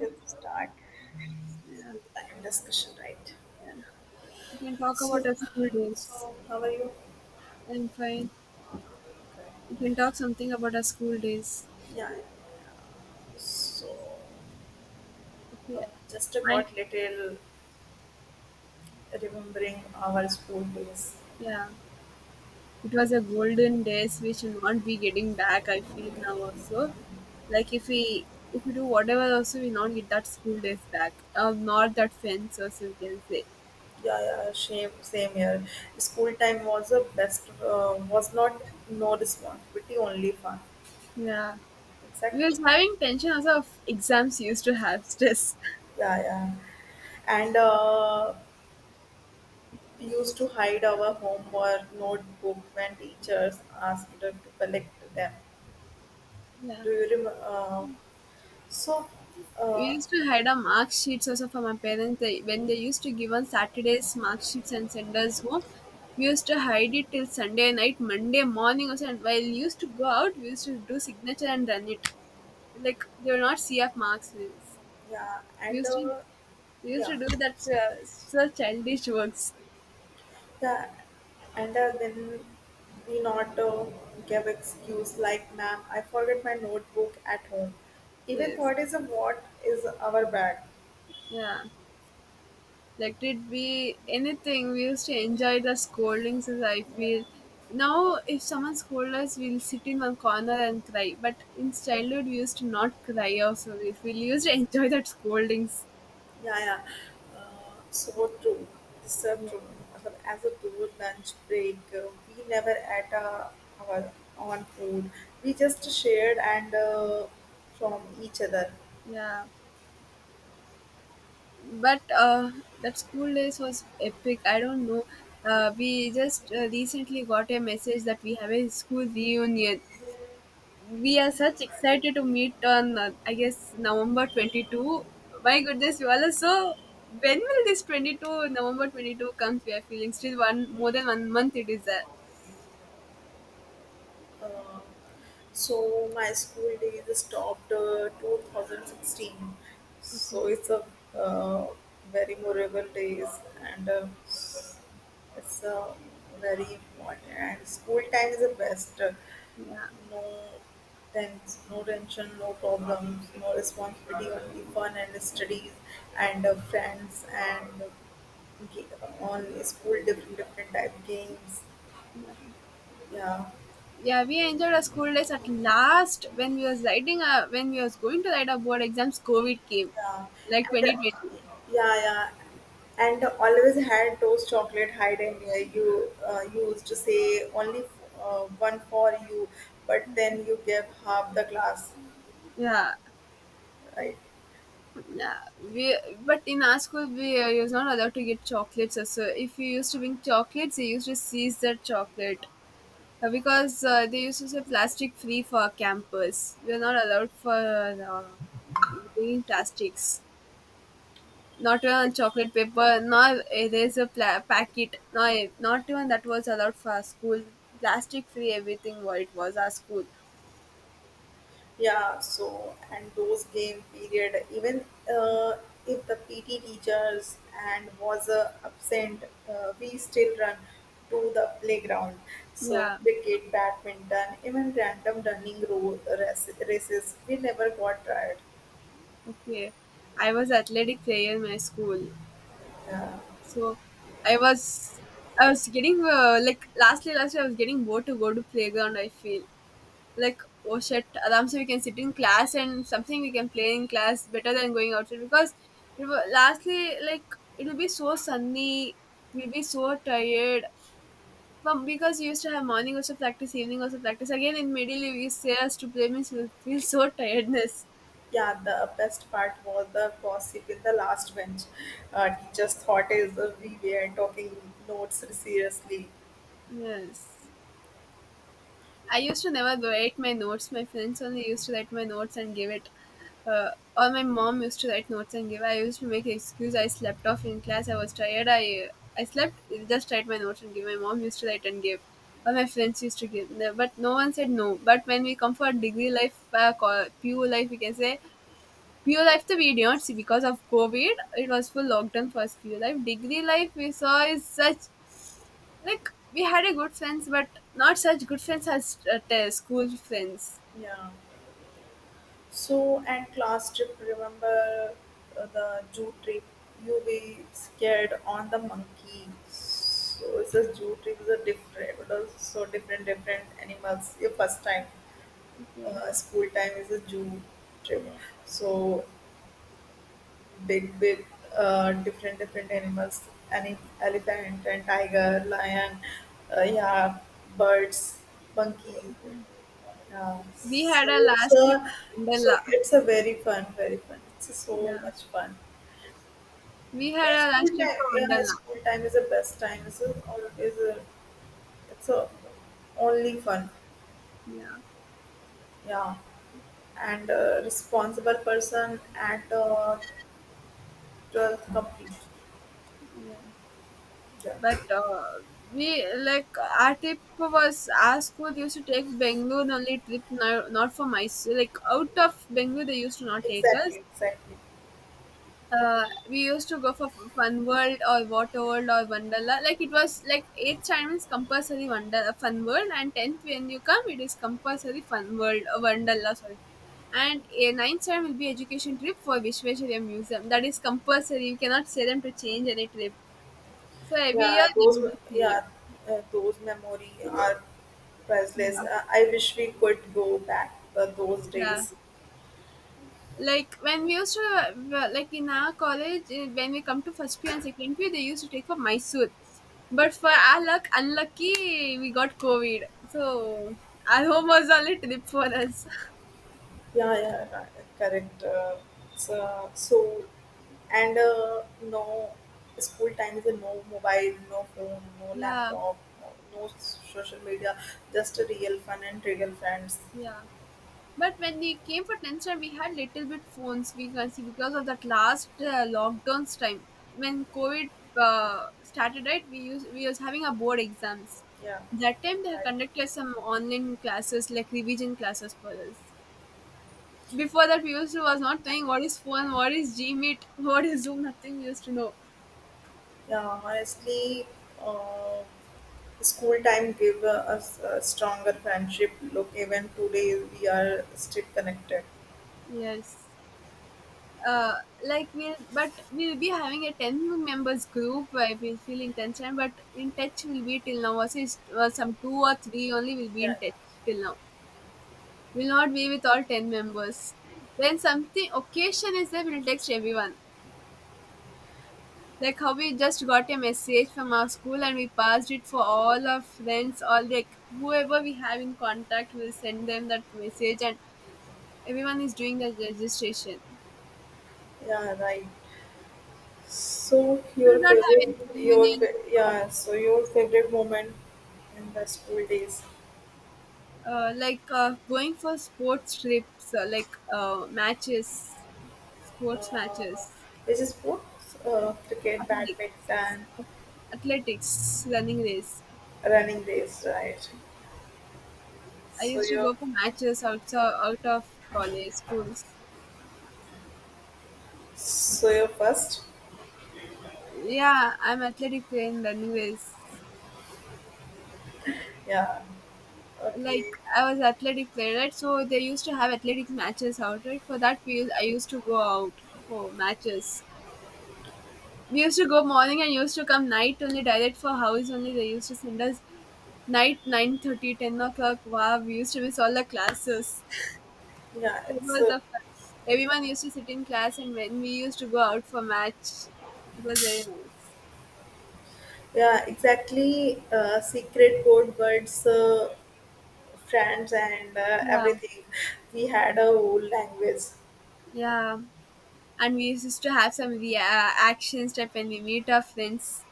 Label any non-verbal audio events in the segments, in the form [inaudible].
Let's start Yeah. a discussion, right? We can talk So, about our uh, school days. so how are you? I'm fine. We Okay. can talk something about our school days. Yeah. So, Okay. just I got little remembering our school days. yeah. It was a golden days which will not be getting back, I feel now also. Like if we do whatever also we not get that school days back. Not that fence also we can say. Yeah, yeah, same here. School time was the best. Was not no responsibility, only fun. Yeah. We Exactly. was having tension also of exams used to have stress. [laughs] Yeah, yeah. And we used to hide our homework notebook when teachers asked us to collect them. Yeah. Do you remember? So, We uh, used to hide our mark sheets also from our parents. They, when they used to give on Saturdays mark sheets and send us home, we used to hide it till Sunday night, Monday morning also. And while we used to go out, we used to do signature and run it. Like they will not see our marks. Yeah, and used to, we used yeah, to do that so childish works. the, and then we not give excuse like, ma'am, I forget my notebook at home. Even Yes. thought is a what is our bag. Yeah. Let it be anything, we used to enjoy the scoldings, as I Yeah, feel now. If someone scolds us, we'll sit in one corner and cry, but in childhood we used to not cry also, we used to enjoy that scoldings. yeah, yeah. So true. This is Yeah. true. Matlab, as a tour lunch break, we never ate our own food. We just shared and from each other. Yeah, but that school days was epic. I don't know, we just recently got a message that we have a school reunion. We are such excited to meet on I guess November 22. My Yeah. goodness, you all are so. When will this 22 November 22 comes? We are feeling still one more than one month. It is there. Uh, so my school days stopped 2016. So Okay. it's a uh, Very memorable days and it's very important. And school time is the best. Yeah. No no tension, no problems, no responsibility, only fun and studies and friends and on school different type games. Yeah. Yeah, Yeah. We enjoyed our school days at last. When we was going to write our board exams, COVID came, yeah, like and 2020. Yeah, yeah, and always had those chocolate hide and you used to say only one for you, but then you gave half the glass, Yeah. right? Yeah, we but in our school we was not allowed to get chocolates. So if you used to bring chocolates, you used to seize that chocolate. Because they used to say plastic free for campus. We are not allowed for bringing plastics. Not even on chocolate paper, nor there's a packet. No, not even that was allowed for our school. Plastic free, everything what it was our school. Yeah, so and those game period, even uh, if the PT teachers and was absent, we still run to the playground. So Yeah, cricket, badminton, even random running, races, we never got tired. okay. I was athletic player in my school, so I was I was getting like lastly last year I was getting bored to go to playground. I feel like, oh shit Adam, so we can sit in class and something we can play in class better than going outside because it will, lastly like, it will be so sunny, we'll be so tired. But because we used to have morning also practice, evening also practice, again in middle we used to say us to play means we will feel so tiredness. Yeah, the best part was the gossip in the last bench. Teachers thought is we were talking notes seriously. Yes, I used to never write my notes. My friends only used to write my notes and give it. Uh, or my mom used to write notes and give. I used to make excuse. I slept off in class. I was tired. I slept. Just write my notes and give. My mom used to write and give. Or my friends used to give. No- But no one said no. But when we come for degree life, PU life, we can say PU life. The we did not see because of COVID. It was full lockdown for us. PU life. Degree life we saw is such, like, we had a good friends, but not such good friends as school friends. Yeah. So and class trip. Remember the zoo trip? You be scared on the monkey. So it's a zoo trip. Is a different. It was so different, different animals. Your first time, Okay, school time is a zoo trip. So big, big, different, different animals, any elephant and tiger, lion, yeah, birds, monkey. Yeah. we had So a it's last trip a, for so Wonderla. it's a very fun, very fun. It's so Yeah, much fun. we had Yeah, a school last trip time. for Yeah, Wonderla. school time is the best time. It's a, always a, it's a Only fun. Yeah, Yeah, and a responsible person at twelfth complete. yeah. Yeah, But we, like, our trip was, our school used to take Bangalore only trip, no, not for Mysore. Like out of Bangalore, they used to not take us. exactly, exactly. We used to go for fun world or water world or wanderla. Like, it was like, eighth standard is compulsory wonder fun world, and 10th when you come it is compulsory fun world or wanderla, sorry, and a ninth standard will be education trip for Vishveshwarya Museum, that is compulsory, you cannot say them to change any trip, so every year they do the same. Yeah, those memory are priceless. Yeah, I wish we could go back those yeah, days. like when we used to, well, like in our college when we come to first year and second year they used to take for Mysore, but for our luck unlucky we got COVID, so our home was only trip for us. Yeah, yeah, right, correct. So, so and No school times and no mobile, no phone, no [laughs] Yeah, laptop, no, no social media, just a real fun and real friends. yeah, but when we came for 10th time we had little bit phones, we can see, because of that last lockdowns time. When COVID started, right, we was having our board exams. Yeah, That time they have right. conducted some online classes, like revision classes for us. Before that, we used to was not knowing what is phone, what is Gmeet, what is Zoom. Nothing we used to know. Yeah, honestly, uh, school time gave us a stronger friendship. Look, even today we are still connected. Yes. Uh, like, but we'll be having a 10 members group. I will feel in tension, but in touch we'll be till now. Also, some two or three only will be Yeah, in touch till now. We'll not be with all 10 members. When something occasion is there, we'll text everyone. Like how we just got a message from our school and we passed it for all our friends, all, like whoever we have in contact, will send them that message, and everyone is doing the registration. yeah, right. So We do your not have any favorite, your reunion fa- like Yeah, so your favorite moment in the school days? that. Like going for sports trips, like, matches, sports Uh, matches, this is sports, cricket, athletics, badminton, athletics, running race. running race, right? I So used to your, go for matches outside out of college schools. so your first, Yeah, I'm athletic player in the anyways. yeah, Like, okay, I was athletic player, right, so they used to have athletic matches out, right, for that I used to go out for matches. We used to go morning and used to come night only, direct for house only they used to send us, night 9:30 10 o'clock. Wow, we used to miss all the classes. yeah, [laughs] That it's. was the fun. Everyone used to sit in class, and when we used to go out for match it was very nice. Yeah, exactly. Secret code words, friends, and Yeah, everything. We had a whole language. yeah, and we used to have some action step when we meet our friends.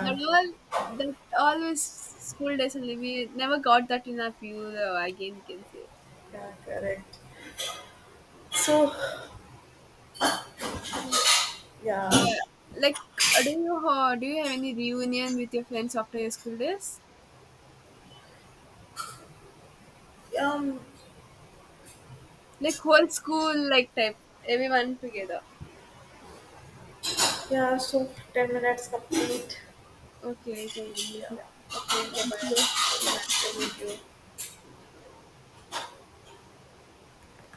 That all that all was school days only. We never got that in our pure again, we can say. yeah, correct. So, yeah, Uh, like, do you have any reunion with your friends after your school days? um, Like whole school like type, everyone together. yeah. So 10 minutes complete. Okay, you can leave Yeah. now. Okay, bye Thank bye. you. Yeah. Nice to meet you.